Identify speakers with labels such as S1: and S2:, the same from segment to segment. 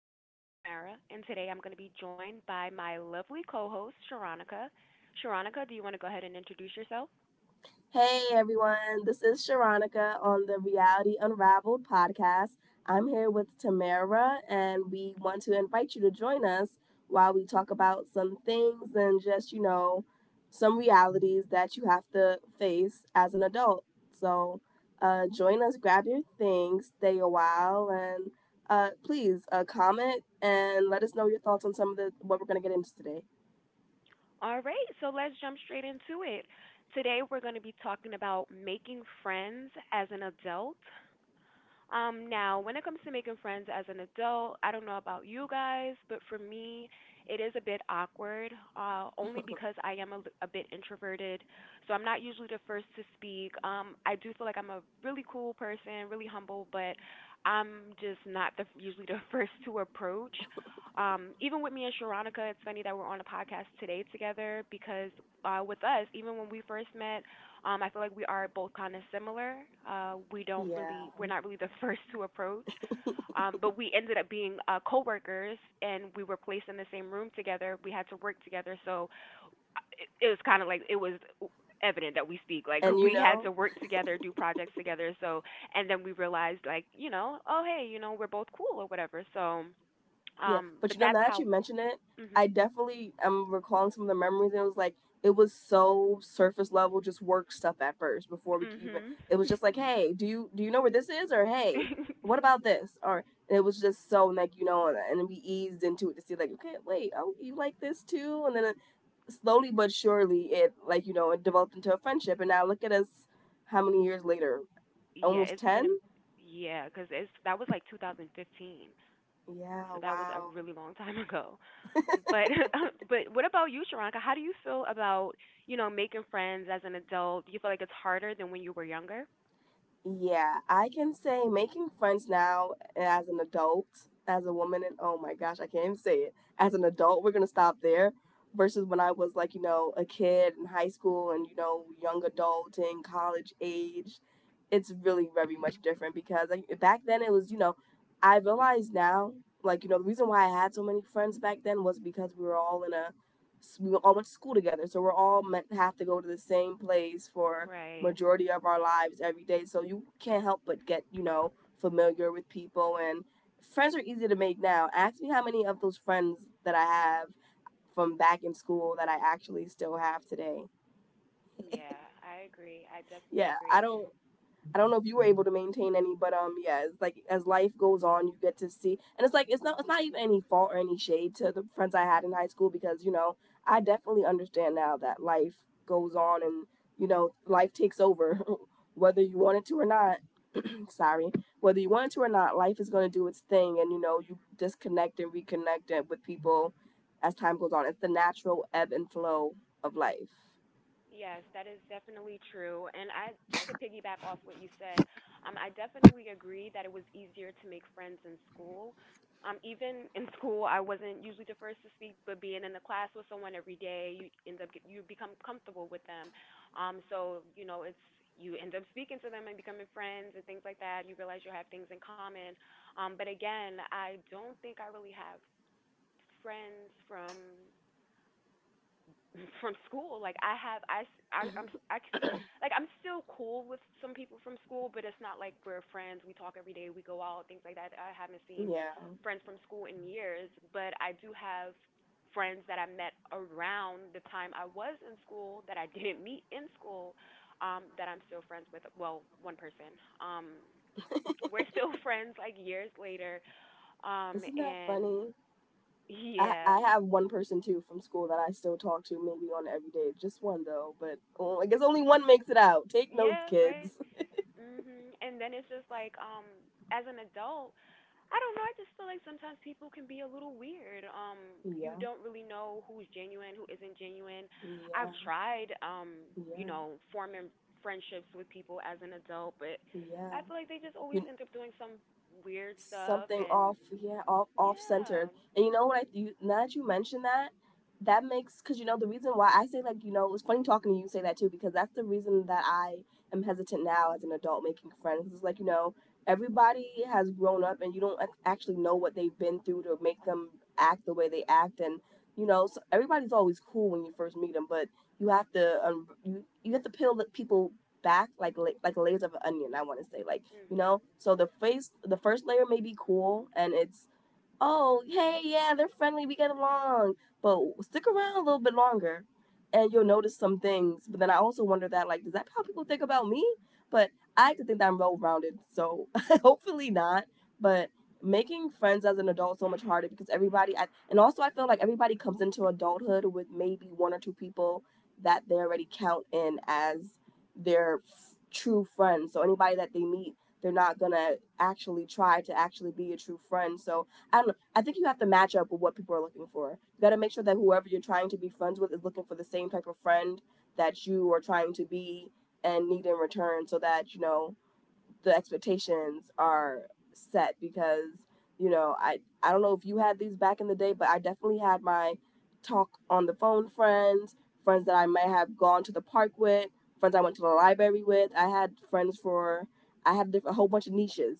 S1: My name is Tamara, and today I'm going to be joined by my lovely co host, Sharonica. Sharonica, do you want to go ahead and introduce yourself?
S2: Hey everyone, this is Sharonica on the Reality Unraveled podcast. I'm here with Tamara, and we want to invite you to join us while we talk about some things and just, you know, some realities that you have to face as an adult. So join us, grab your things, stay a while, and please comment and let us know your thoughts on some of the what we're going to get into today.
S1: All right, so let's jump straight into it. Today we're going to be talking about making friends as an adult. Now, when it comes to making friends as an adult, I don't know about you guys, but for me, it is a bit awkward, only because I am a bit introverted. So I'm not usually the first to speak. I do feel like I'm a really cool person, really humble, but I'm just not usually the first to approach. Even with me and Sharonica, it's funny that we're on a podcast today together because with us, even when we first met, I feel like we are both kind of similar.
S2: Yeah.
S1: We're not really the first to approach, but we ended up being coworkers, and we were placed in the same room together. We had to work together, so it was kind of like it was evident that we speak, like,
S2: And you
S1: we had
S2: know,
S1: to work together, do projects together. So and then we realized, like, you know, oh hey, you know, we're both cool or whatever. So
S2: yeah, but
S1: but
S2: you know,
S1: that's
S2: now that
S1: how.
S2: you mention it,
S1: Mhm.
S2: I definitely am recalling some of the memories, and it was like it was so surface level, just work stuff at first before we could even. It was just like, hey, do you know where this is, or hey,
S1: Mhm.
S2: what about this, or and it was just so like you know, and we eased into it to see like, okay, wait, oh, you like this too, and then it, slowly but surely, it like you know, it developed into a friendship, and now look at us, how many years later,
S1: Yeah,
S2: almost
S1: it's been
S2: ten.
S1: a yeah, 'cause it's that was like 2015,
S2: Yeah,
S1: so that was a
S2: wow.
S1: really long time ago. But but what about you, Sharonka? How do you feel about, you know, making friends as an adult? Do you feel like it's harder than when you were younger?
S2: Yeah, I can say making friends now as an adult, as a woman, and oh my gosh, I can't even say it. As an adult, we're gonna stop there. Versus when I was like, you know, a kid in high school and, you know, young adult and college age, it's really very much different because like, back then it was, you know, I realize now, like, you know, the reason why I had so many friends back then was because we were all in a, we all went to school together. So we're all meant to have to go to the same place for
S1: Right.
S2: majority of our lives every day. So you can't help but get, you know, familiar with people and friends are easy to make now. Ask me how many of those friends that I have from back in school that I actually still have today.
S1: Yeah, I agree. I definitely
S2: Yeah, I
S1: agree.
S2: don't I don't know if you were able to maintain any, but yeah, it's like as life goes on you get to see and it's like it's not even any fault or any shade to the friends I had in high school because, you know, I definitely understand now that life goes on and, you know, life takes over whether you want it to or not sorry whether you want to or not life is going to do its thing and you know you disconnect and reconnect it with people as time goes on it's the natural ebb and flow of life.
S1: Yes, that is definitely true. And I just to piggyback off what you said, I definitely agree that it was easier to make friends in school. Even in school, I wasn't usually the first to speak, but being in the class with someone every day, you end up you become comfortable with them. So, you know, it's you end up speaking to them and becoming friends and things like that. You realize you have things in common. But again, I don't think I really have friends from from school. Like I have I am I, like I am I c- like I'm still cool with some people from school, but it's not like we're friends. We talk every day. We go out, things like that. I haven't seen
S2: Yeah.
S1: friends from school in years, but I do have friends that I met around the time I was in school that I didn't meet in school, that I'm still friends with. Well, one person. Um we're still friends like years later. Um
S2: Isn't that
S1: and
S2: funny? i
S1: yeah.
S2: i have one person too from school that I still talk to maybe on every day, just one though. But oh, I guess only one makes it out. Take notes,
S1: Yeah, right.
S2: kids.
S1: Mhm. And then it's just like, as an adult, I don't know. I just feel like sometimes people can be a little weird. You
S2: Yeah.
S1: don't really know who's genuine, who isn't genuine. I've
S2: Yeah,
S1: tried, you
S2: yeah,
S1: know, forming friendships with people as an adult, but
S2: yeah.
S1: I feel like they just always
S2: You
S1: end up doing some weird stuff.
S2: something
S1: And
S2: off, yeah, off
S1: yeah.
S2: centered. And you know what, now that you mention that, that makes because you know the reason why I say like you know it's funny talking to you say that too because that's the reason that I am hesitant now as an adult making friends. It's like you know everybody has grown up and you don't actually know what they've been through to make them act the way they act. And you know so everybody's always cool when you first meet them, but you have to you have to peel the people back like like layers of an onion, I want to say. Like you
S1: Mhm.
S2: know so the face, the first layer may be cool and it's oh, hey, yeah, they're friendly, we get along. But stick around a little bit longer and you'll notice some things. But then I also wonder that, like, is that how people think about me? But I like to think that I'm well rounded, so hopefully not. But making friends as an adult is so much harder because and also I feel like everybody comes into adulthood with maybe one or two people that they already count in as their true friends. So anybody that they meet, they're not gonna actually try to actually be a true friend. So I don't know. I think you have to match up with what people are looking for. You got to make sure that whoever you're trying to be friends with is looking for the same type of friend that you are trying to be and need in return so that, you know, the expectations are set because, you know, I don't know if you had these back in the day, but I definitely had my talk on the phone friends, friends that I might have gone to the park with, friends I went to the library with. I had friends for I had a whole bunch of niches.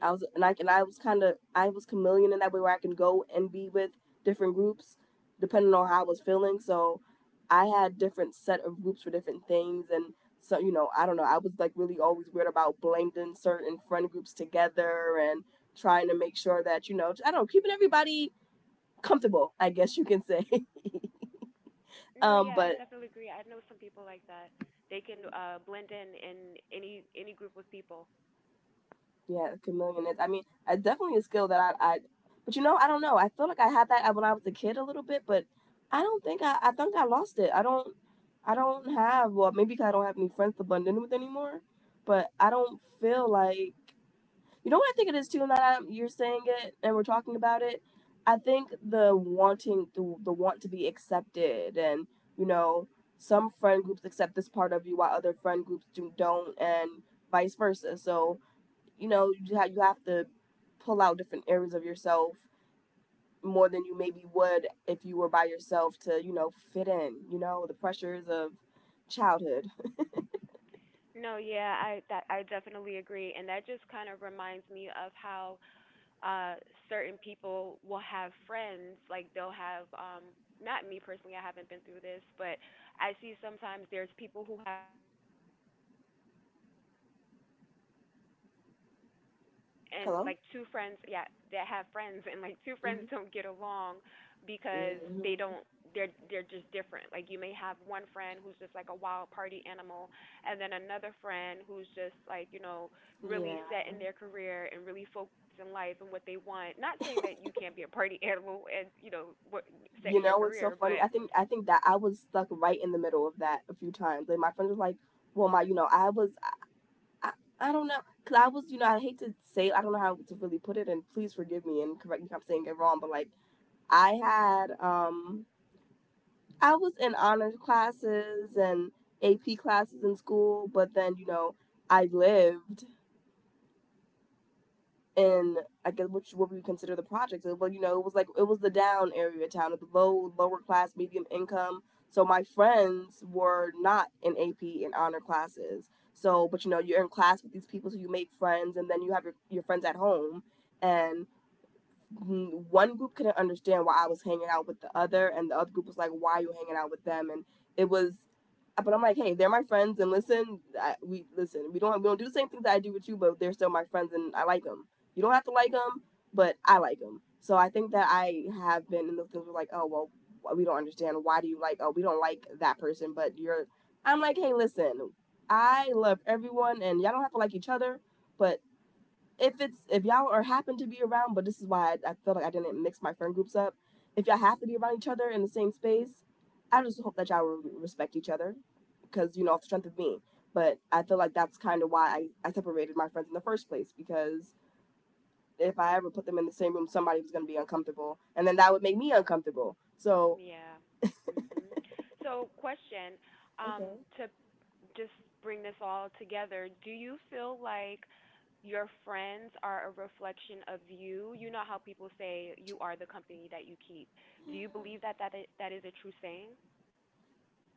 S2: I was kind of I was chameleon in that way where I can go and be with different groups depending on how I was feeling. So I had different set of groups for different things. And so you know I don't know, I was like really always weird about blending certain friend groups together and trying to make sure that you know I don't know, keeping everybody comfortable, I guess you can say.
S1: No, yeah, I
S2: Um,
S1: definitely
S2: but
S1: agree. I know some people like that. They can blend in any group of people.
S2: yeah, chameleon is. I mean, I definitely a skill that but you know, I don't know. I feel like I had that when I was a kid a little bit, but I think I lost it. I don't have. Well, maybe 'cause I don't have any friends to blend in with anymore. But I don't feel like you know what I think it is too. Now that you're saying it and we're talking about it, I think the wanting, the want to be accepted, and you know, some friend groups accept this part of you while other friend groups do don't, and vice versa. So you know you have to pull out different areas of yourself more than you maybe would if you were by yourself to you know fit in, you know, the pressures of childhood.
S1: No, yeah, I that I definitely agree, and that just kind of reminds me of how uh certain people will have friends, like they'll have not me personally, I haven't been through this, but I see sometimes there's people who and
S2: Hello.
S1: like two friends, yeah, that have friends and like two
S2: Mm-hmm.
S1: friends don't get along because they
S2: Mm-hmm.
S1: don't they're just different. Like you may have one friend who's just like a wild party animal and then another friend who's just like, you know, really set
S2: Yeah,
S1: in their career and really focused in life and what they want. Not saying that you can't be a party animal and, you know what, set in
S2: you
S1: your
S2: know it's so
S1: career,
S2: funny,
S1: but
S2: I think that I was stuck right in the middle of that a few times. Like my friend was like, well my you know i, I I don't know because I was you know I hate to say it, I don't know how to really put it, and please forgive me and correct me if I'm saying it wrong, but like I had I was in honors classes and AP classes in school, but then you know I lived in I guess which what we consider the projects. Well, you know it was like it was the down area of town, the lower class, medium income. So my friends were not in AP and honor classes. So, but you know you're in class with these people, so you make friends, and then you have your friends at home, and one group couldn't understand why I was hanging out with the other, and the other group was like, "Why are you hanging out with them?" And it was, but I'm like, "Hey, they're my friends, and listen, we listen. We don't do the same things that I do with you, but they're still my friends, and I like them. You don't have to like them, but I like them." So I think that I have been in those things where like, oh well, we don't understand. Why do you like? Oh, we don't like that person, but you're. I'm like, hey, listen, I love everyone, and y'all don't have to like each other, but if it's if y'all are happen to be around, but this is why I feel like I didn't mix my friend groups up. If y'all have to be around each other in the same space, I just hope that y'all respect each other, because you know off the strength of me. But I feel like that's kind of why I separated my friends in the first place because if I ever put them in the same room, somebody was gonna be uncomfortable, and then that would make me uncomfortable. So,
S1: yeah. Mhm. So question, um
S2: okay.
S1: to just bring this all together. Do you feel like your friends are a reflection of you? You know how people say you are the company that you keep. Do you believe that that is a true saying?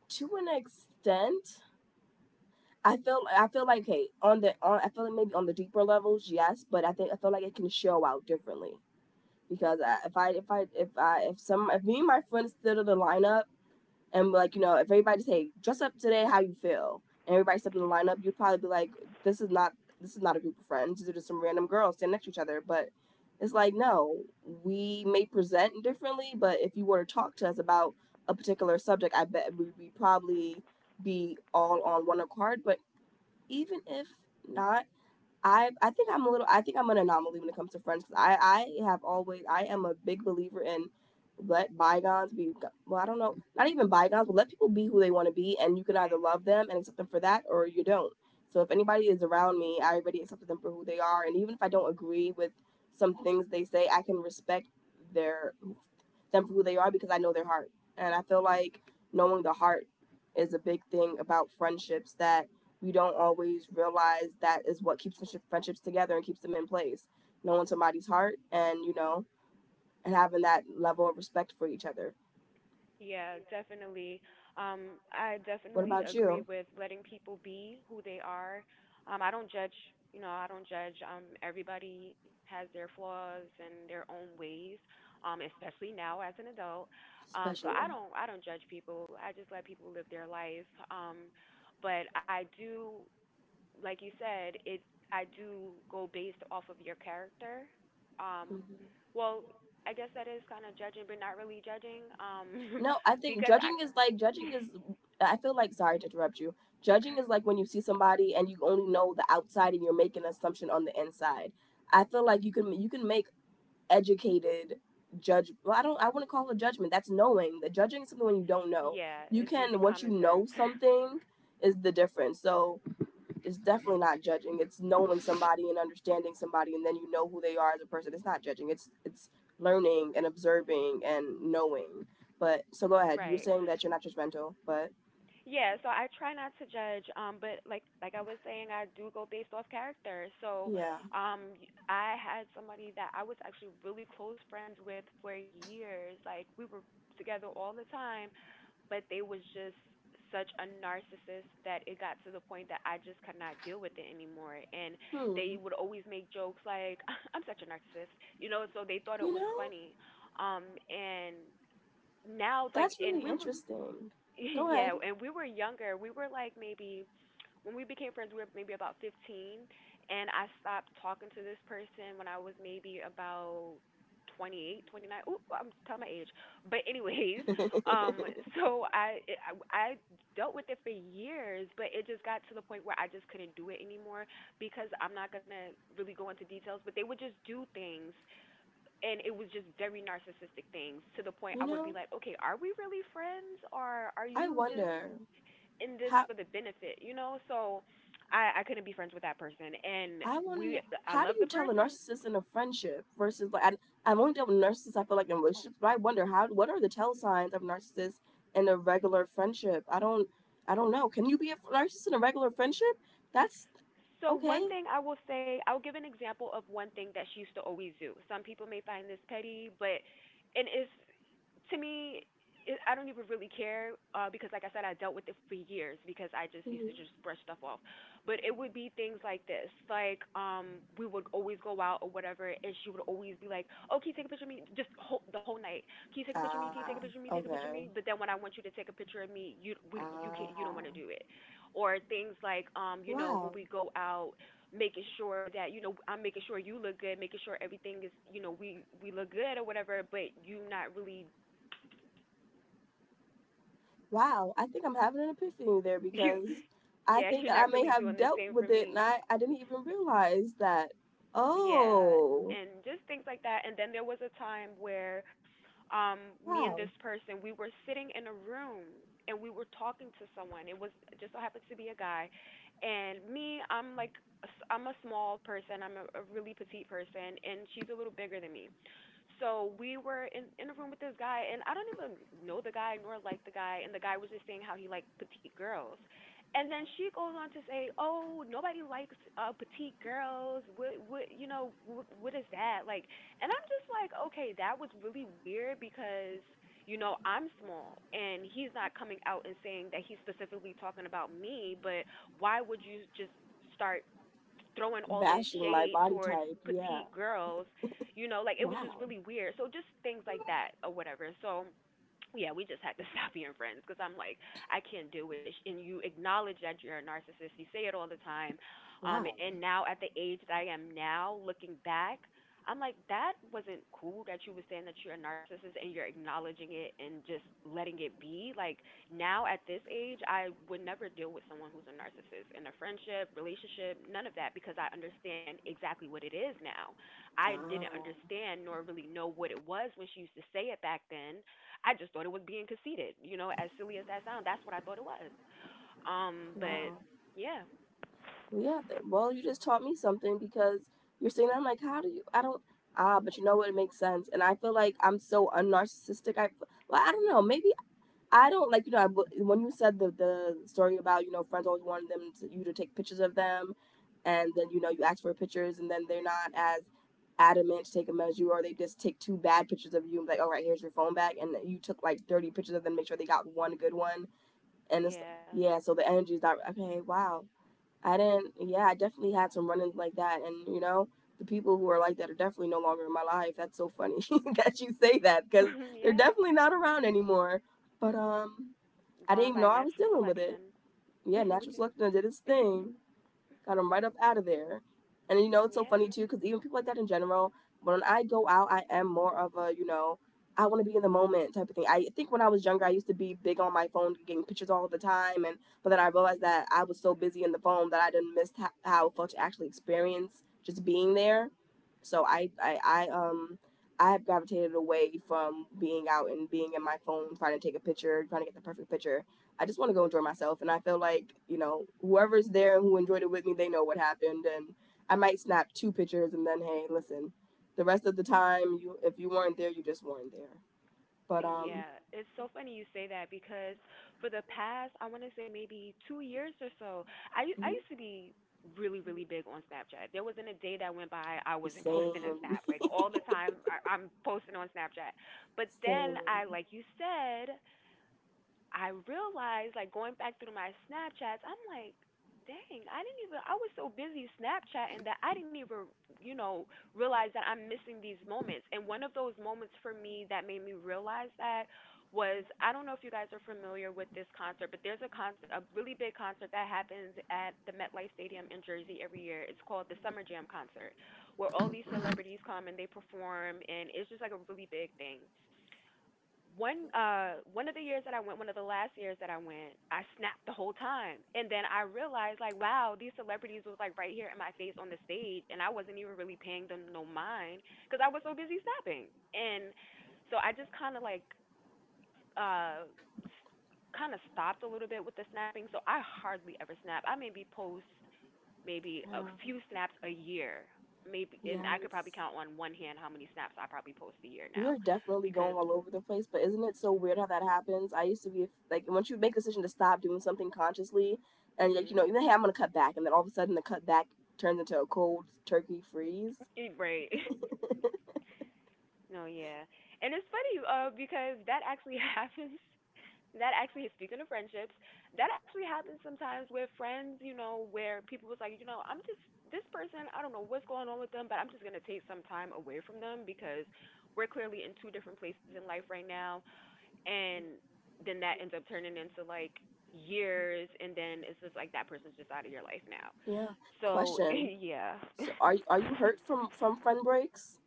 S2: To an extent, I feel like, hey, on I feel like maybe on the deeper levels, yes, but I think I feel like it can show out differently because I, if I if I if I if me and my friends stood in the lineup, and like if everybody say dress up today how you feel, and everybody stepped in the lineup, you'd probably be like, this is not this is not a group of friends, these are just some random girls standing next to each other. But it's like, no, we may present differently, but if you were to talk to us about a particular subject, I bet we would probably be all on one accord. But even if not, I think I'm a little I think I'm an anomaly when it comes to friends, 'cause I have always I am a big believer in let bygones be, well, I don't know, not even bygones, but let people be who they want to be, and you can either
S1: Right.
S2: love them and accept them for that or you don't. So if anybody is around me, I already accepted them for who they are, and even if I don't agree with some things they say, I can respect their them for who they are because I know their heart. And I feel like knowing the heart is a big thing about friendships that we don't always realize that is what keeps friendships together and keeps them in place. Knowing somebody's heart, and having that level of respect for each other.
S1: Yeah, definitely. I
S2: What
S1: definitely
S2: about
S1: agree
S2: you?
S1: with letting people be who they are. I don't judge, you know, I don't judge. Everybody has their flaws and their own ways, especially now as an adult. Um, so I
S2: Especially.
S1: don't, I don't judge people. I just let people live their life. Um, but I do, like you said, it I do go based off of your character. Um,
S2: Mm-hmm.
S1: well, I guess that is kind of judging, but not really judging.
S2: No, I think
S1: Because I
S2: judging is like, judging is, I feel like, sorry to interrupt you.
S1: no
S2: Judging
S1: guys.
S2: is like when you see somebody and you only know the outside and you're making an assumption on the inside. I feel like you can make educated judge well, I don't, I wouldn't call it judgment. That's knowing. The judging is something when you don't know.
S1: Yeah,
S2: You
S1: it's using
S2: can, once you
S1: common sense.
S2: know something, is the difference. So it's definitely not judging. It's knowing somebody and understanding somebody, and then you know who they are as a person. It's not judging. It's learning and observing and knowing. But so go
S1: Right.
S2: ahead. You're saying that you're not judgmental, but
S1: Yeah, so I try not to judge, but like I was saying, I do go based off character. So,
S2: yeah.
S1: I had somebody that I was actually really close friends with for years. Like we were together all the time, but they was just such a narcissist that it got to the point that I just could not deal with it anymore. And they
S2: Hmm.
S1: would always make jokes like, I'm such a narcissist, you know, so they thought it
S2: You
S1: was
S2: know,
S1: funny. And now, like,
S2: that's really
S1: and we were,
S2: interesting. Go
S1: yeah,
S2: ahead.
S1: and we were younger. We were like maybe when we became friends, we were maybe about 15, and I stopped talking to this person when I was maybe about 28, 29. Ooh, I'm telling my age. But anyways, um,
S2: you
S1: so I dealt with it for years, but it just got to the point where I just couldn't do it anymore because I'm not gonna really go into details, but they would just do things and it was just very narcissistic things to the point I would
S2: know,
S1: be like, okay, are we really friends or are
S2: I
S1: you just
S2: wonder
S1: in this
S2: how.
S1: for the benefit, you know? So I couldn't be friends with that person and
S2: I want to
S1: we
S2: know,
S1: I
S2: how do
S1: love the
S2: you tell a
S1: person.
S2: narcissist in a friendship versus like I, I've only dealt with narcissists I feel like in relationships, but I wonder how, what are the tell signs of narcissists in a regular friendship? I don't know. Can you be a narcissist in a regular friendship? That's
S1: So one
S2: okay.
S1: thing I will say, I'll give an example of one thing that she used to always do. Some people may find this petty, but it is to me. I don't even really care because, like I said, I dealt with it for years because I just used to just
S2: Hmm.
S1: brush stuff off. But it would be things like this, like, we would always go out or whatever, and she would always be like, "Oh, can you take a picture of me?" Just the whole night, "Can you take a picture of me? Can you take a
S2: Ah,
S1: picture of me? Take a picture of
S2: okay.
S1: me?" But then when I want you to take a picture of me, you you can't, you don't
S2: Ah,
S1: want to do it, or things like, you know, when
S2: wow,
S1: we go out, making sure that, you know, I'm making sure you look good, making sure everything is, you know, we look good or whatever, but you not really
S2: wow. I think I'm having an epiphany there
S1: you
S2: because I
S1: yeah,
S2: think
S1: you're
S2: that I
S1: not
S2: may
S1: really
S2: have
S1: doing the
S2: dealt
S1: same for
S2: with it and
S1: me,
S2: I didn't even realize that.
S1: yeah,
S2: Oh,
S1: and just things like that. And then there was a time where um me and
S2: wow.
S1: this person, we were sitting in a room and we were talking to someone. It was just so happened to be a guy, and me, I'm like I'm a small person, I'm a really petite person, and she's a little bigger than me. So we were in a room with this guy, and I don't even know the guy nor like the guy, and the guy was just saying how he liked petite girls. And then she goes on to say, "Oh, nobody likes petite girls. You know, what is that like?" And I'm just like, okay, that was really weird because, you know, I'm small, and he's not coming out and saying that he's specifically talking about me. But why would you just start throwing all this
S2: Bashing my
S1: shade
S2: body
S1: towards
S2: type. Yeah.
S1: petite girls, you know, like, it was just
S2: Wow.
S1: really weird. So just things like that or whatever. So yeah, we just had to stop being friends because I'm like, I can't deal with it. And you acknowledge that you're a narcissist. You say it all the time.
S2: Wow.
S1: And now at the age that I am now, looking back, I'm like, that wasn't cool that you were saying that you're a narcissist and you're acknowledging it and just letting it be. Like, now at this age, I would never deal with someone who's a narcissist in a friendship, relationship, none of that because I understand exactly what it is now. I didn't
S2: Ah.
S1: understand nor really know what it was when she used to say it back then. I just thought it was being conceited, you know, as silly as that sounds. That's what I thought it was. Um, but
S2: Wow.
S1: yeah,
S2: Well, yeah. That, well, you just taught me something because you're saying that. I'm like, how do you? I don't. Ah, but you know what? It makes sense. And I feel like I'm so unnarcissistic. I, well, I don't know. Maybe I don't, like, you know, I, when you said the story about friends always wanted you to take pictures of them, and then you ask for pictures and then they're not as adamant to take them as you, or they just take two bad pictures of you and be like, all right, here's your phone back. And you took like 30 pictures of them, make sure they got one good one. And it's
S1: yeah,
S2: yeah, so the energy is not okay. Wow. I didn't yeah, I definitely had some run-ins like that. And the people who are like that are definitely no longer in my life. That's so funny that you say that because they're
S1: yeah,
S2: definitely not around anymore. But I didn't
S1: going
S2: even know
S1: by
S2: I was
S1: natural
S2: dealing with it.
S1: selection,
S2: Yeah, natural
S1: which is
S2: selection did its thing, got him right up out of there. And you know, it's so
S1: yeah.
S2: funny too, because even people like that in general, when I go out, I am more of a, you know, I want to be in the moment type of thing. I think when I was younger, I used to be big on my phone, getting pictures all the time, and but then I realized that I was so busy in the phone that I didn't miss ho- how it felt to actually experience just being there. So I have gravitated away from being out and being in my phone, trying to take a picture, trying to get the perfect picture. I just want to go enjoy myself. And I feel like, you know, whoever's there and who enjoyed it with me, they know what happened. And I might snap two pictures, and then, hey, listen, the rest of the time, you if you weren't there, you just weren't there. But,
S1: Yeah, it's so funny you say that because for the past, I want to say maybe 2 years or so, I used to be really big on Snapchat. There wasn't a day that went by I wasn't posting a
S2: same,
S1: snap. Like all the time, I'm posting on Snapchat. But then
S2: same.
S1: I, like you said, I realized, like going back through my Snapchats, I'm like, dang, I didn't even, I was so busy Snapchatting that I didn't even, you know, realize that I'm missing these moments. And one of those moments for me that made me realize that was, I don't know if you guys are familiar with this concert, but there's a concert, a really big concert that happens at the MetLife Stadium in Jersey every year. It's called the Summer Jam Concert, where all these celebrities come and they perform, and it's just like a really big thing. One of the years that I went, one of the last years that I went, I snapped the whole time. And then I realized like, wow, these celebrities was like right here in my face on the stage and I wasn't even really paying them no mind cuz I was so busy snapping. And so I just kind of like uh kind of stopped a little bit with the snapping. So I hardly ever snap. I maybe post maybe a
S2: Yeah.
S1: few snaps a year. Maybe and I could probably
S2: Yes.
S1: count on one hand how many snaps I probably post a year
S2: We
S1: now
S2: are definitely
S1: because
S2: going all over the place, but isn't it so weird how that happens? I used to be like, once you make a decision to stop doing something consciously, and like
S1: mhm.
S2: you know, hey, I'm gonna cut back, and then all of a sudden the cut back turns into a cold turkey freeze.
S1: Right. No, yeah. And it's funny because that actually happens. Speaking of friendships, that actually happens sometimes with friends, you know, where people was like, this person, I don't know what's going on with them, but I'm just going to take some time away from them because we're clearly in two different places in life right now. And then that ends up turning into like years. And then it's just like that person's just out of your life now.
S2: Yeah.
S1: So,
S2: Question.
S1: yeah.
S2: So are you, are you hurt from friend breaks?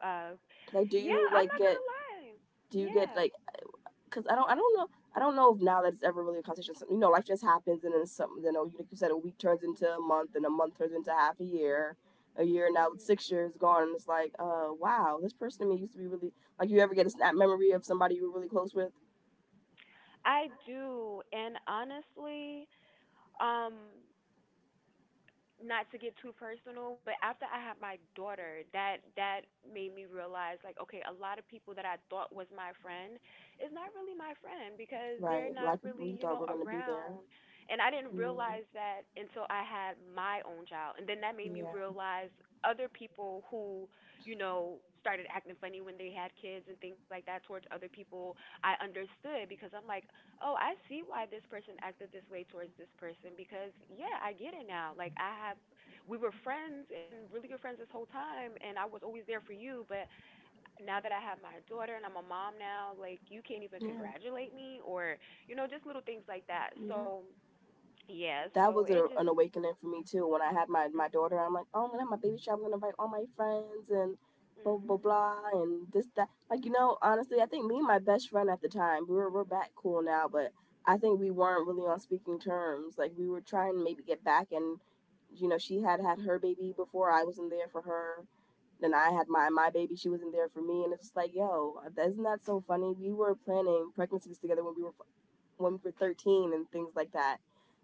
S1: Uh,
S2: Like, do
S1: Yeah,
S2: you
S1: I'm
S2: like
S1: not
S2: get,
S1: gonna lie.
S2: do you get
S1: Yeah.
S2: like, cuz I don't know if now that it's ever really a conversation. You know, life just happens and then something, you know, you, like you said, a week turns into a month and a month turns into half a year. A year now with 6
S1: Hmm.
S2: years gone and it's like, uh, wow, this person to me used to be really, like, you ever get a snap memory of somebody you were really close with?
S1: I do. And honestly, um, not to get too personal, but after I had my daughter, that made me realize like, okay, a lot of people that I thought was my friend is not really my friend because
S2: Right.
S1: they're
S2: A lot
S1: not
S2: of people
S1: really,
S2: really
S1: you
S2: thought
S1: know,
S2: were going to be there.
S1: around. And I didn't
S2: Mm,
S1: realize that until I had my own child. And then that made me
S2: yeah.
S1: realize other people who, you know, started acting funny when they had kids and things like that towards other people, I understood because I'm like, oh, I see why this person acted this way towards this person because, yeah, I get it now. Like, we were friends and really good friends this whole time, and I was always there for you. But now that I have my daughter and I'm a mom now, like, you can't even
S2: Yeah.
S1: congratulate me or, you know, just little things like that.
S2: Yeah.
S1: So, yeah,
S2: That was
S1: so
S2: a,
S1: it
S2: an
S1: just,
S2: awakening for me too. When I had my, my
S1: mm,
S2: daughter, I'm like, oh, I'm gonna have my baby shower. I'm gonna invite all my friends and blah blah
S1: hmm,
S2: blah and this that. Like, you know, honestly, I think me and my best friend at the time, we're back cool now, but I think we weren't really on speaking terms. Like, we were trying to maybe get back, and you know, she had had her baby before, I wasn't there for her. Then I had my baby, she wasn't there for me, and it's just like, yo, isn't that so funny? We were planning pregnancies together when we were 13 and things like that.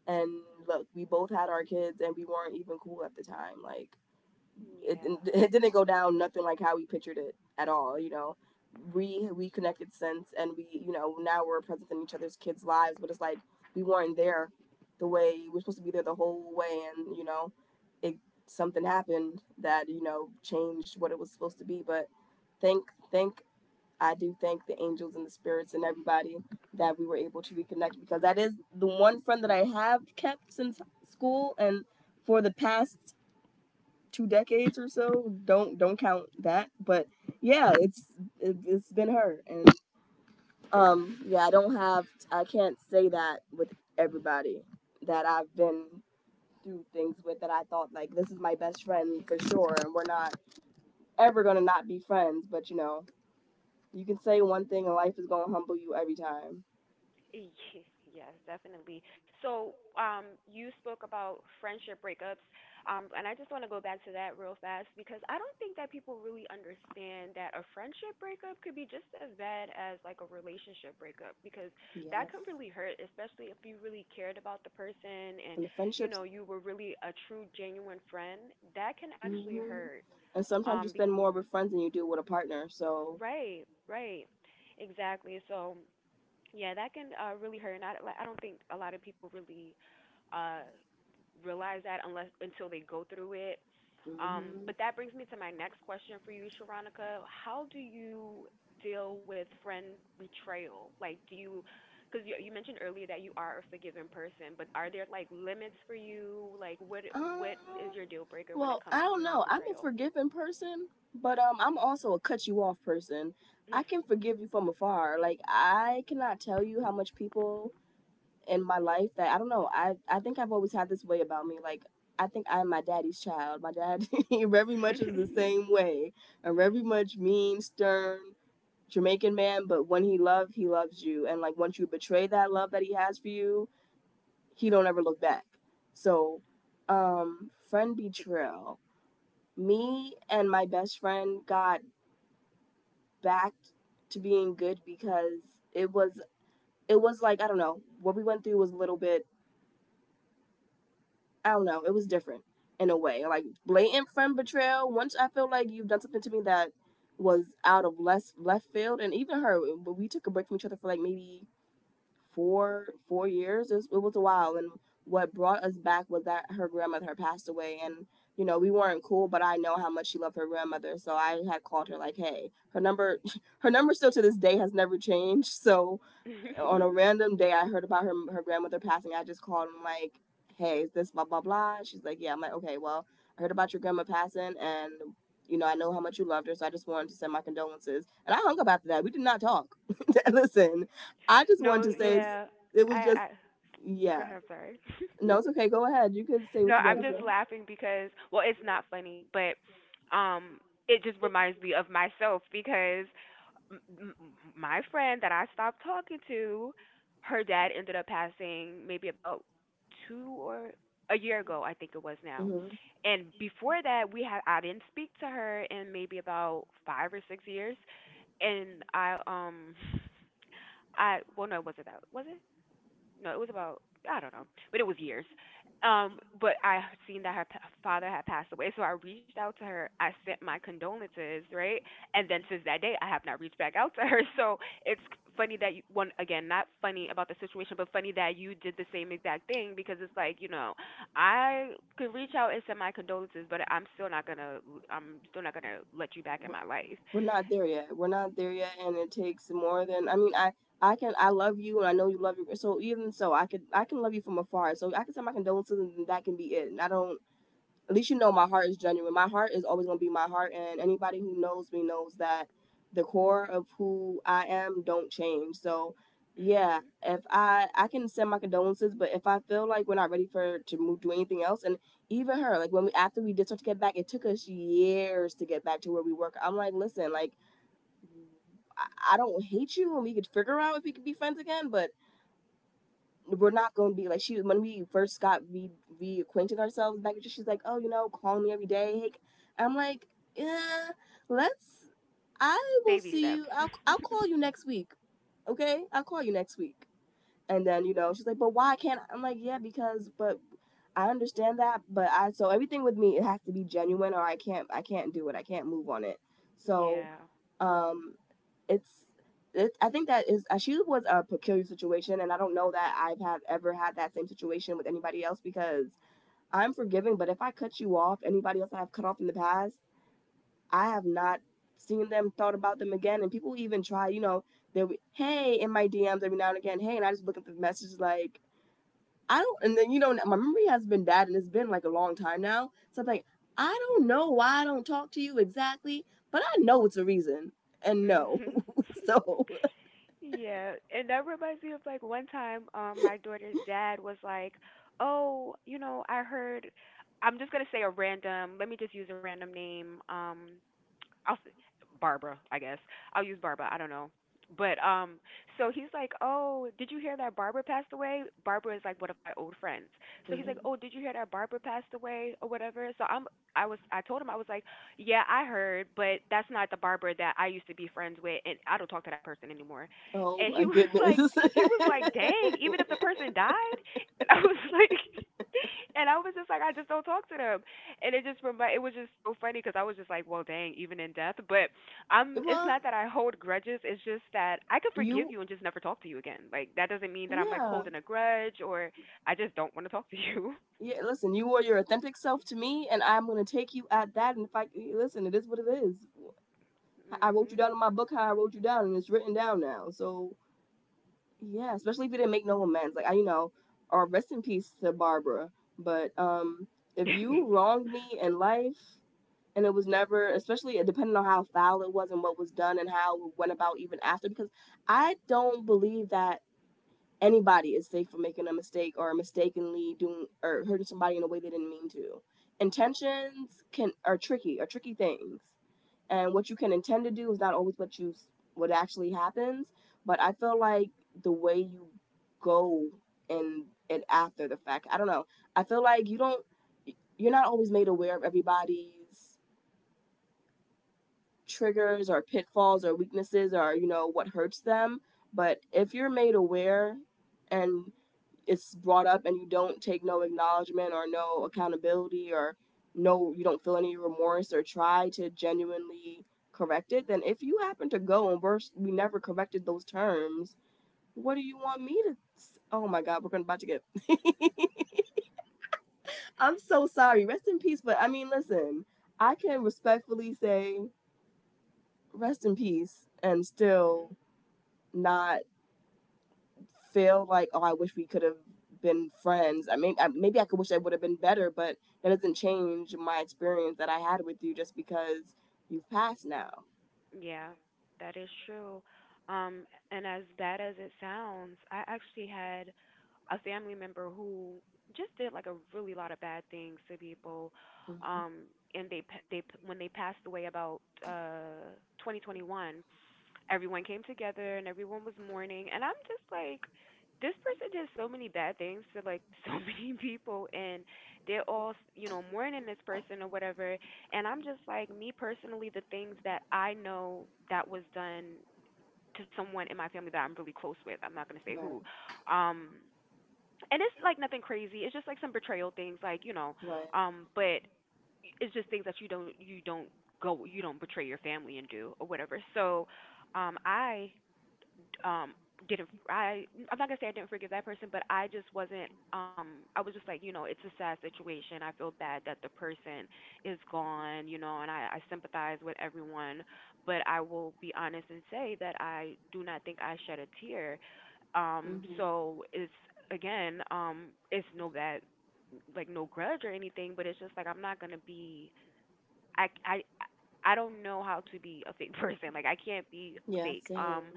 S2: And look, we both had our kids and we weren't even cool at the time. Like it,
S1: yeah.
S2: it didn't go down nothing like how we pictured it at all, you know. We connected since and we, you know, now we're present in each other's kids' lives, but it's like we weren't there the way we're supposed to be there the whole way, and, you know, it, something happened that, you know, changed what it was supposed to be. But thank thank I do thank the angels and the spirits and everybody that we were able to reconnect, because that is the one friend that I have kept since school and for the past 2 decades or so. Don't count that, but yeah, it's, it, it's been her. And yeah, I don't have, I can't say that with everybody that I've been through things with that I thought, like, this is my best friend for sure and we're not ever going to not be friends. But you know, you can say one thing and life is going to humble you every time.
S1: Ye- Yes, definitely. So, you spoke about friendship breakups, and I just want to go back to that real fast because I don't think that people really understand that a friendship breakup could be just as bad as like a relationship breakup because that
S2: Yes.
S1: can really hurt, especially if you really cared about the person and
S2: And the
S1: you
S2: friendships.
S1: know you were really a true, genuine friend. That can actually
S2: Hmm.
S1: hurt.
S2: And sometimes you
S1: Um, be-
S2: spend more with friends than you do with a partner. So,
S1: right, right, exactly. So. Yeah, that can really hurt, and I like, I don't think a lot of people really uh, realize that unless until they go through it.
S2: hmm.
S1: But that brings me to my next question for you, Sharonica. How do you deal with friend betrayal? Like, because you mentioned earlier that you are a forgiving person, but are there like limits for you? Like,
S2: Um,
S1: what is your deal breaker when it
S2: well,
S1: comes
S2: I don't
S1: to
S2: know. I'm a
S1: betrayal?
S2: forgiving person, but I'm also a cut you off person. I can forgive you from afar. Like I cannot tell you how much people in my life that I don't know. I think I've always had this way about me. Like I think I'm my daddy's child. My dad very much is the same way. I am very much mean, stern. Jamaican man, but when he love, he loves you. And like once you betray that love that he has for you, he don't ever look back. So, friend betrayal. Me and my best friend got back to being good because it was it was like I don't know what we went through was a little bit, I don't know, it was different in a way, like blatant friend betrayal. Once I feel like you've done something to me that was out of less left field, and even her. But we took a break from each other for like maybe four years. It was a while, and what brought us back was that her grandmother had passed away, and you know we weren't cool, but I know how much she loved her grandmother, so I had called her like, hey, her number, her number still to this day has never changed, so on a random day I heard about her grandmother passing. I just called and I'm like, hey, is this blah blah blah? She's like, yeah. I'm like, okay, well, I heard about your grandma passing, and you know, I know how much you loved her, so I just wanted to send my condolences. And I hung up after that. We did not talk. Listen, I just wanted
S1: No,
S2: to say
S1: yeah,
S2: it was just
S1: I go
S2: yeah.
S1: ahead. Sorry.
S2: No, it's okay. Go ahead. You can say
S1: No,
S2: what you got
S1: I'm
S2: to
S1: just
S2: say.
S1: laughing because well, it's not funny, but um it just reminds me of myself because m- m- my friend that I stopped talking to, her dad ended up passing maybe about 2 or a year ago, I think it was now.
S2: hmm
S1: And before that, we had I didn't speak to her in maybe about 5 or 6 years and I well no, it wasn't that. Was it? No, it was about, I don't know, but it was years. But I seen that her father had passed away, so I reached out to her. I sent my condolences, right? And then since that day, I have not reached back out to her. So it's funny that you, one again, not funny about the situation, but funny that you did the same exact thing because it's like you know, I could reach out and send my condolences, but I'm still not gonna let you back in my life.
S2: we're not there yet. We're not there yet, and it takes more than. I mean, I can I love you, and I know you love your. So even so, I can love you from afar. So I can send my condolences, and that can be it. And I don't. At least you know my heart is genuine. My heart is always gonna be my heart, and anybody who knows me knows that the core of who I am don't change. So yeah,
S1: Mhm.
S2: if I can send my condolences, but if I feel like we're not ready for to move do anything else, and even her like when we after we did start to get back, it took us years to get back to where we were. I'm like, listen, like I don't hate you, and we could figure out if we could be friends again, but we're not going to be like she when we first got re reacquainted ourselves back. She's like, oh, you know, call me every day. Hey, I'm like, yeah, let's. I will
S1: Baby
S2: see you.
S1: steps.
S2: I'll call you next week. Okay, I'll call you next week. And then you know she's like, but why can't I? I'm like, yeah, because but I understand that, but I so everything with me it has to be genuine or I can't do it. I can't move on it. So
S1: Yeah.
S2: um it's it, I think that is she was a peculiar situation, and I don't know that I've have ever had that same situation with anybody else because I'm forgiving. But if I cut you off, anybody else that I've cut off in the past, I have not seen them, thought about them again, and people even try, you know, they'll be hey in my DMs every now and again, hey, and I just look at the messages like I don't, and then you know my memory has been bad, and it's been like a long time now, so I'm like I don't know why I don't talk to you exactly, but I know it's a reason, and no,
S1: Mhm.
S2: so.
S1: Yeah, and that reminds me of like one time, my daughter's dad was like, "Oh, you know, I heard." I'm just gonna say a random. Let me just use a random name. I'll s- Barbara, I guess. I'll use Barbara. I don't know. But so he's like, "Oh, did you hear that Barbara passed away?" Barbara is like one of my old friends. So he's like,
S2: Mm-hmm.
S1: "Oh, did you hear that Barbara passed away or whatever?" I was, I told him I was like, "Yeah, I heard, but that's not the Barbara that I used to be friends with, and I don't talk to that person anymore."
S2: Oh
S1: And he
S2: my
S1: was
S2: goodness.
S1: like, he was like, "Dang, even if the person died," and I was like, and I was just like, I just don't talk to them. And it just remind, it was just so funny because I was just like, well, dang, even in death. But it's
S2: Well,
S1: not that I hold grudges. It's just that I could forgive
S2: you,
S1: you and just never talk to you again. Like that doesn't mean that I'm like
S2: yeah,
S1: holding a grudge or I just don't want to talk to you.
S2: yeah. Listen, you were your authentic self to me, and I'm gonna take you at that. And if I listen, it is what it is. I wrote you
S1: Mhm.
S2: down in my book how I wrote you down, and it's written down now. So yeah, especially if you didn't make no amends, like I, you know, or rest in peace to Barbara. But if you wronged me in life, and it was never, especially depending on how foul it was and what was done and how it went about even after, because I don't believe that anybody is safe from making a mistake or mistakenly doing or hurting somebody in a way they didn't mean to. Intentions can are tricky things, and what you can intend to do is not always what you what actually happens. But I feel like the way you go and after the fact, I don't know. I feel like you don't you're not always made aware of everybody's triggers or pitfalls or weaknesses or you know what hurts them but if you're made aware and it's brought up and you don't take no acknowledgement or no accountability or no you don't feel any remorse or try to genuinely correct it then if you happen to go and we never corrected those terms what do you want me to oh my god we're gonna about to get I'm so sorry rest in peace but I mean listen I can respectfully say rest in peace and
S1: Mhm.
S2: still not feel like oh I wish we could have been friends I mean I, maybe I could wish I would have been better but that doesn't change my experience that I had with you just because you've passed now.
S1: Yeah, that is true. Um, and as bad as it sounds, I actually had a family member who just did like a really lot of bad things to people,
S2: hmm
S1: um and they when they passed away about 2021, everyone came together and everyone was mourning and I'm just like, this person did so many bad things to like so many people and they're all you know mourning this person or whatever. And I'm just like, me personally, the things that I know that was done to someone in my family that I'm really close with, I'm not going to say who.
S2: right,
S1: um and it's like nothing crazy. It's just like some betrayal things, like you know,
S2: right.
S1: but it's just things that you don't go, you don't betray your family and do or whatever. So, I um didn't I'm not gonna say I didn't forgive that person, but I just wasn't I was just like, you know, it's a sad situation. I feel bad that the person is gone, you know, and I sympathize with everyone, but I will be honest and say that I do not think I shed a tear.
S2: hmm
S1: So it's again, it's no bad, like no grudge or anything, but it's just like I'm not gonna be I I I don't know how to be a fake person. Like I can't be
S2: yeah,
S1: fake.
S2: same.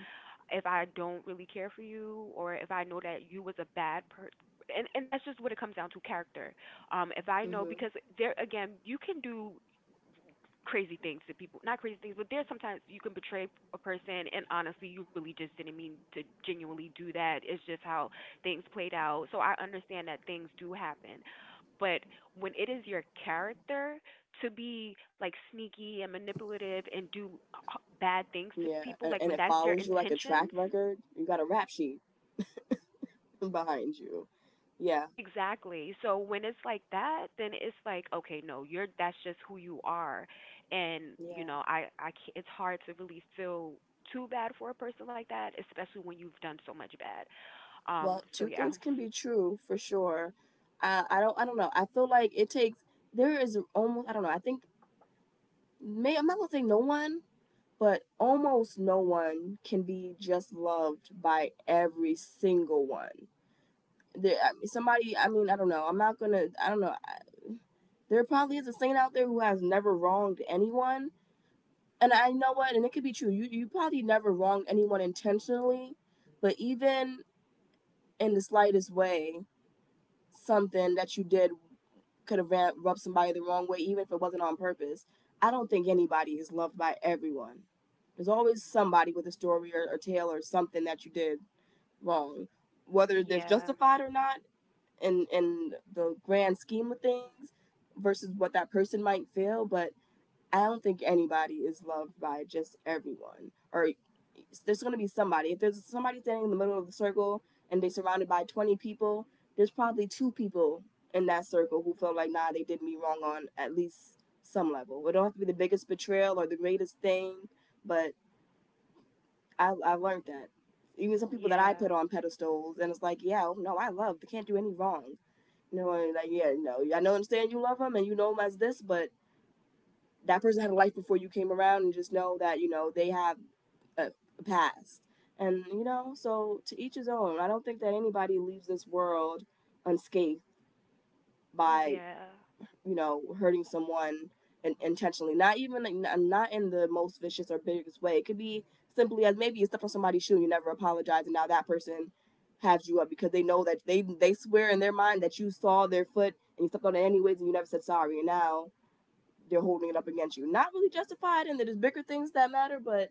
S1: If I don't really care for you, or if I know that you was a bad person, and that's just what it comes down to character. If I know
S2: hmm
S1: because there again, you can do crazy things to people. Not crazy things, but there's sometimes you can betray a person, and honestly, you really just didn't mean to genuinely do that. It's just how things played out. So I understand that things do happen. But when it is your character to be like sneaky and manipulative and do bad things to
S2: yeah,
S1: people,
S2: and,
S1: like
S2: and
S1: when
S2: it
S1: that's your
S2: follows you like a track
S1: intentions,
S2: record you got a rap sheet behind you yeah
S1: exactly. So when it's like that, then it's like, okay, no, you're that's just who you are. And, you
S2: yeah
S1: know, I ca it's hard to really feel too bad for a person like that, especially when you've done so much bad.
S2: well
S1: So
S2: two
S1: yeah.
S2: things can be true for sure I don't I don't know I feel like it takes there is almost I don't know I think may I'm not gonna say no one but almost no one can be just loved by every single one. There, somebody, I mean, I don't know. I'm not gonna, I don't know. There probably is a saint out there who has never wronged anyone, and I know what, and it could be true. You probably never wronged anyone intentionally, but even in the slightest way, something that you did could have rubbed somebody the wrong way, even if it wasn't on purpose. I don't think anybody is loved by everyone. There's always somebody with a story or tale or something that you did wrong, whether there's
S1: Yeah.
S2: justified or not in in the grand scheme of things, versus what that person might feel. But I don't think anybody is loved by just everyone. Or there's going to be somebody. If there's somebody standing in the middle of the circle and they're surrounded by 20 people, there's probably two people in that circle who feel like, nah, they did me wrong on at least some level. It don't have to be the biggest betrayal or the greatest thing, but I learned that. Even some people that I
S1: Yeah.
S2: put on pedestals, and it's like, yeah, oh, no, I love. They can't do any wrong. You know, and like, yeah, no, I know, understand you love them and you know them as this, but that person had a life before you came around and just know that you know they have a, a past and you know so to each his own I don't think that anybody leaves this world unscathed by
S1: Yeah.
S2: you know hurting someone intentionally not even like, not in the most vicious or biggest way it could be simply as maybe you stepped on somebody's shoe and you never apologize and now that person has you up because they know that they swear in their mind that you saw their foot and you stepped on it anyways and you never said sorry and now they're holding it up against you. Not really justified, and there's bigger things that matter, but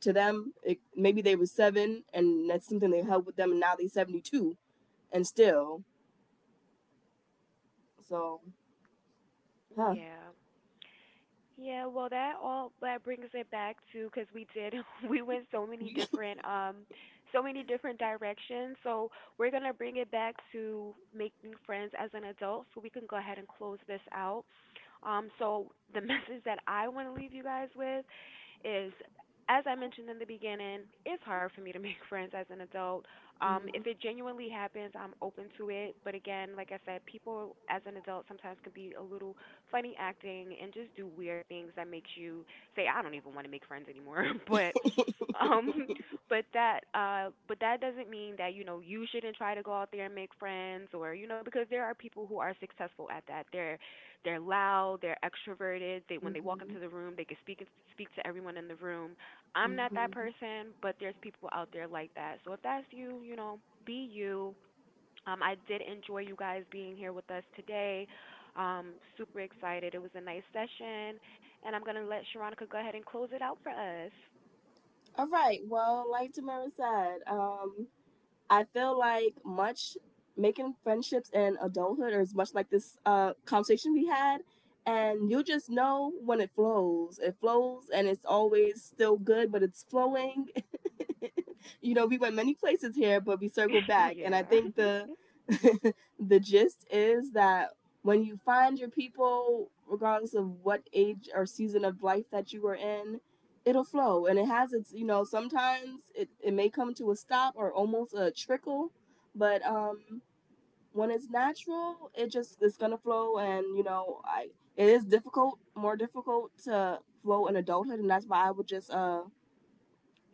S2: to them, it, maybe they were seven, and that's something they held with them, and now they're 72, and still. So, huh.
S1: Yeah. Yeah, well, that all that brings it back to because we did we went so many different directions. So we're gonna bring it back to making friends as an adult, so we can go ahead and close this out. So the message that I want to leave you guys with is, as I mentioned in the beginning, it's hard for me to make friends as an adult.
S2: Mhm,
S1: If it genuinely happens, I'm open to it. But again, like I said, people as an adult sometimes can be a little funny acting and just do weird things that makes you say, I don't even want to make friends anymore. Um but that doesn't mean that you know you shouldn't try to go out there and make friends or you know, because there are people who are successful at that. They're loud, they're extroverted. They when they walk
S2: mhm,
S1: into the room, they can speak to everyone in the room. I'm not that
S2: mhm.
S1: person, but there's people out there like that. So if that's you, you know, be you. I did enjoy you guys being here with us today. Super excited. It was a nice session, and I'm gonna let Sharonica go ahead and close it out for us.
S2: All right, well, like Tamara said, I feel like much making friendships in adulthood is much like this conversation we had, and you just know when it flows. It flows, and it's always still good, but it's flowing. You know, we went many places here, but we circled back, and I
S1: Yeah.
S2: think the the gist is that when you find your people, regardless of what age or season of life that you were in, it'll flow and it has its you know sometimes it, it may come to a stop or almost a trickle but when it's natural it just it's gonna flow and you know I it is difficult more difficult to flow in adulthood and that's why I would just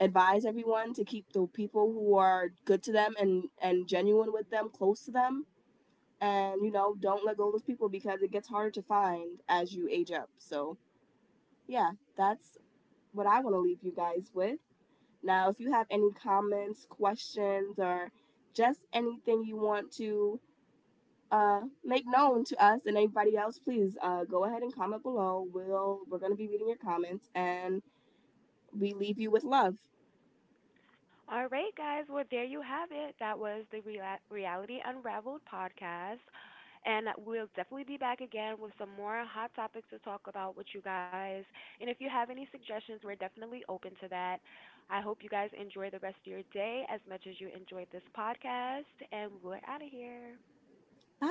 S2: advise everyone to keep the people who are good to them and genuine with them close to them and you know don't let go of those people because it gets harder to find as you age up so yeah that's what I want to leave you guys with. Now, if you have any comments, questions, or just anything you want to make known to us and anybody else, please go ahead and comment below. We're gonna be reading your comments, and we leave you with love.
S1: All right, guys. Well, there you have it. That was the Reality Unraveled podcast. And we'll definitely be back again with some more hot topics to talk about with you guys. And if you have any suggestions, we're definitely open to that. I hope you guys enjoy the rest of your day as much as you enjoyed this podcast. And we're out of here.
S2: Bye.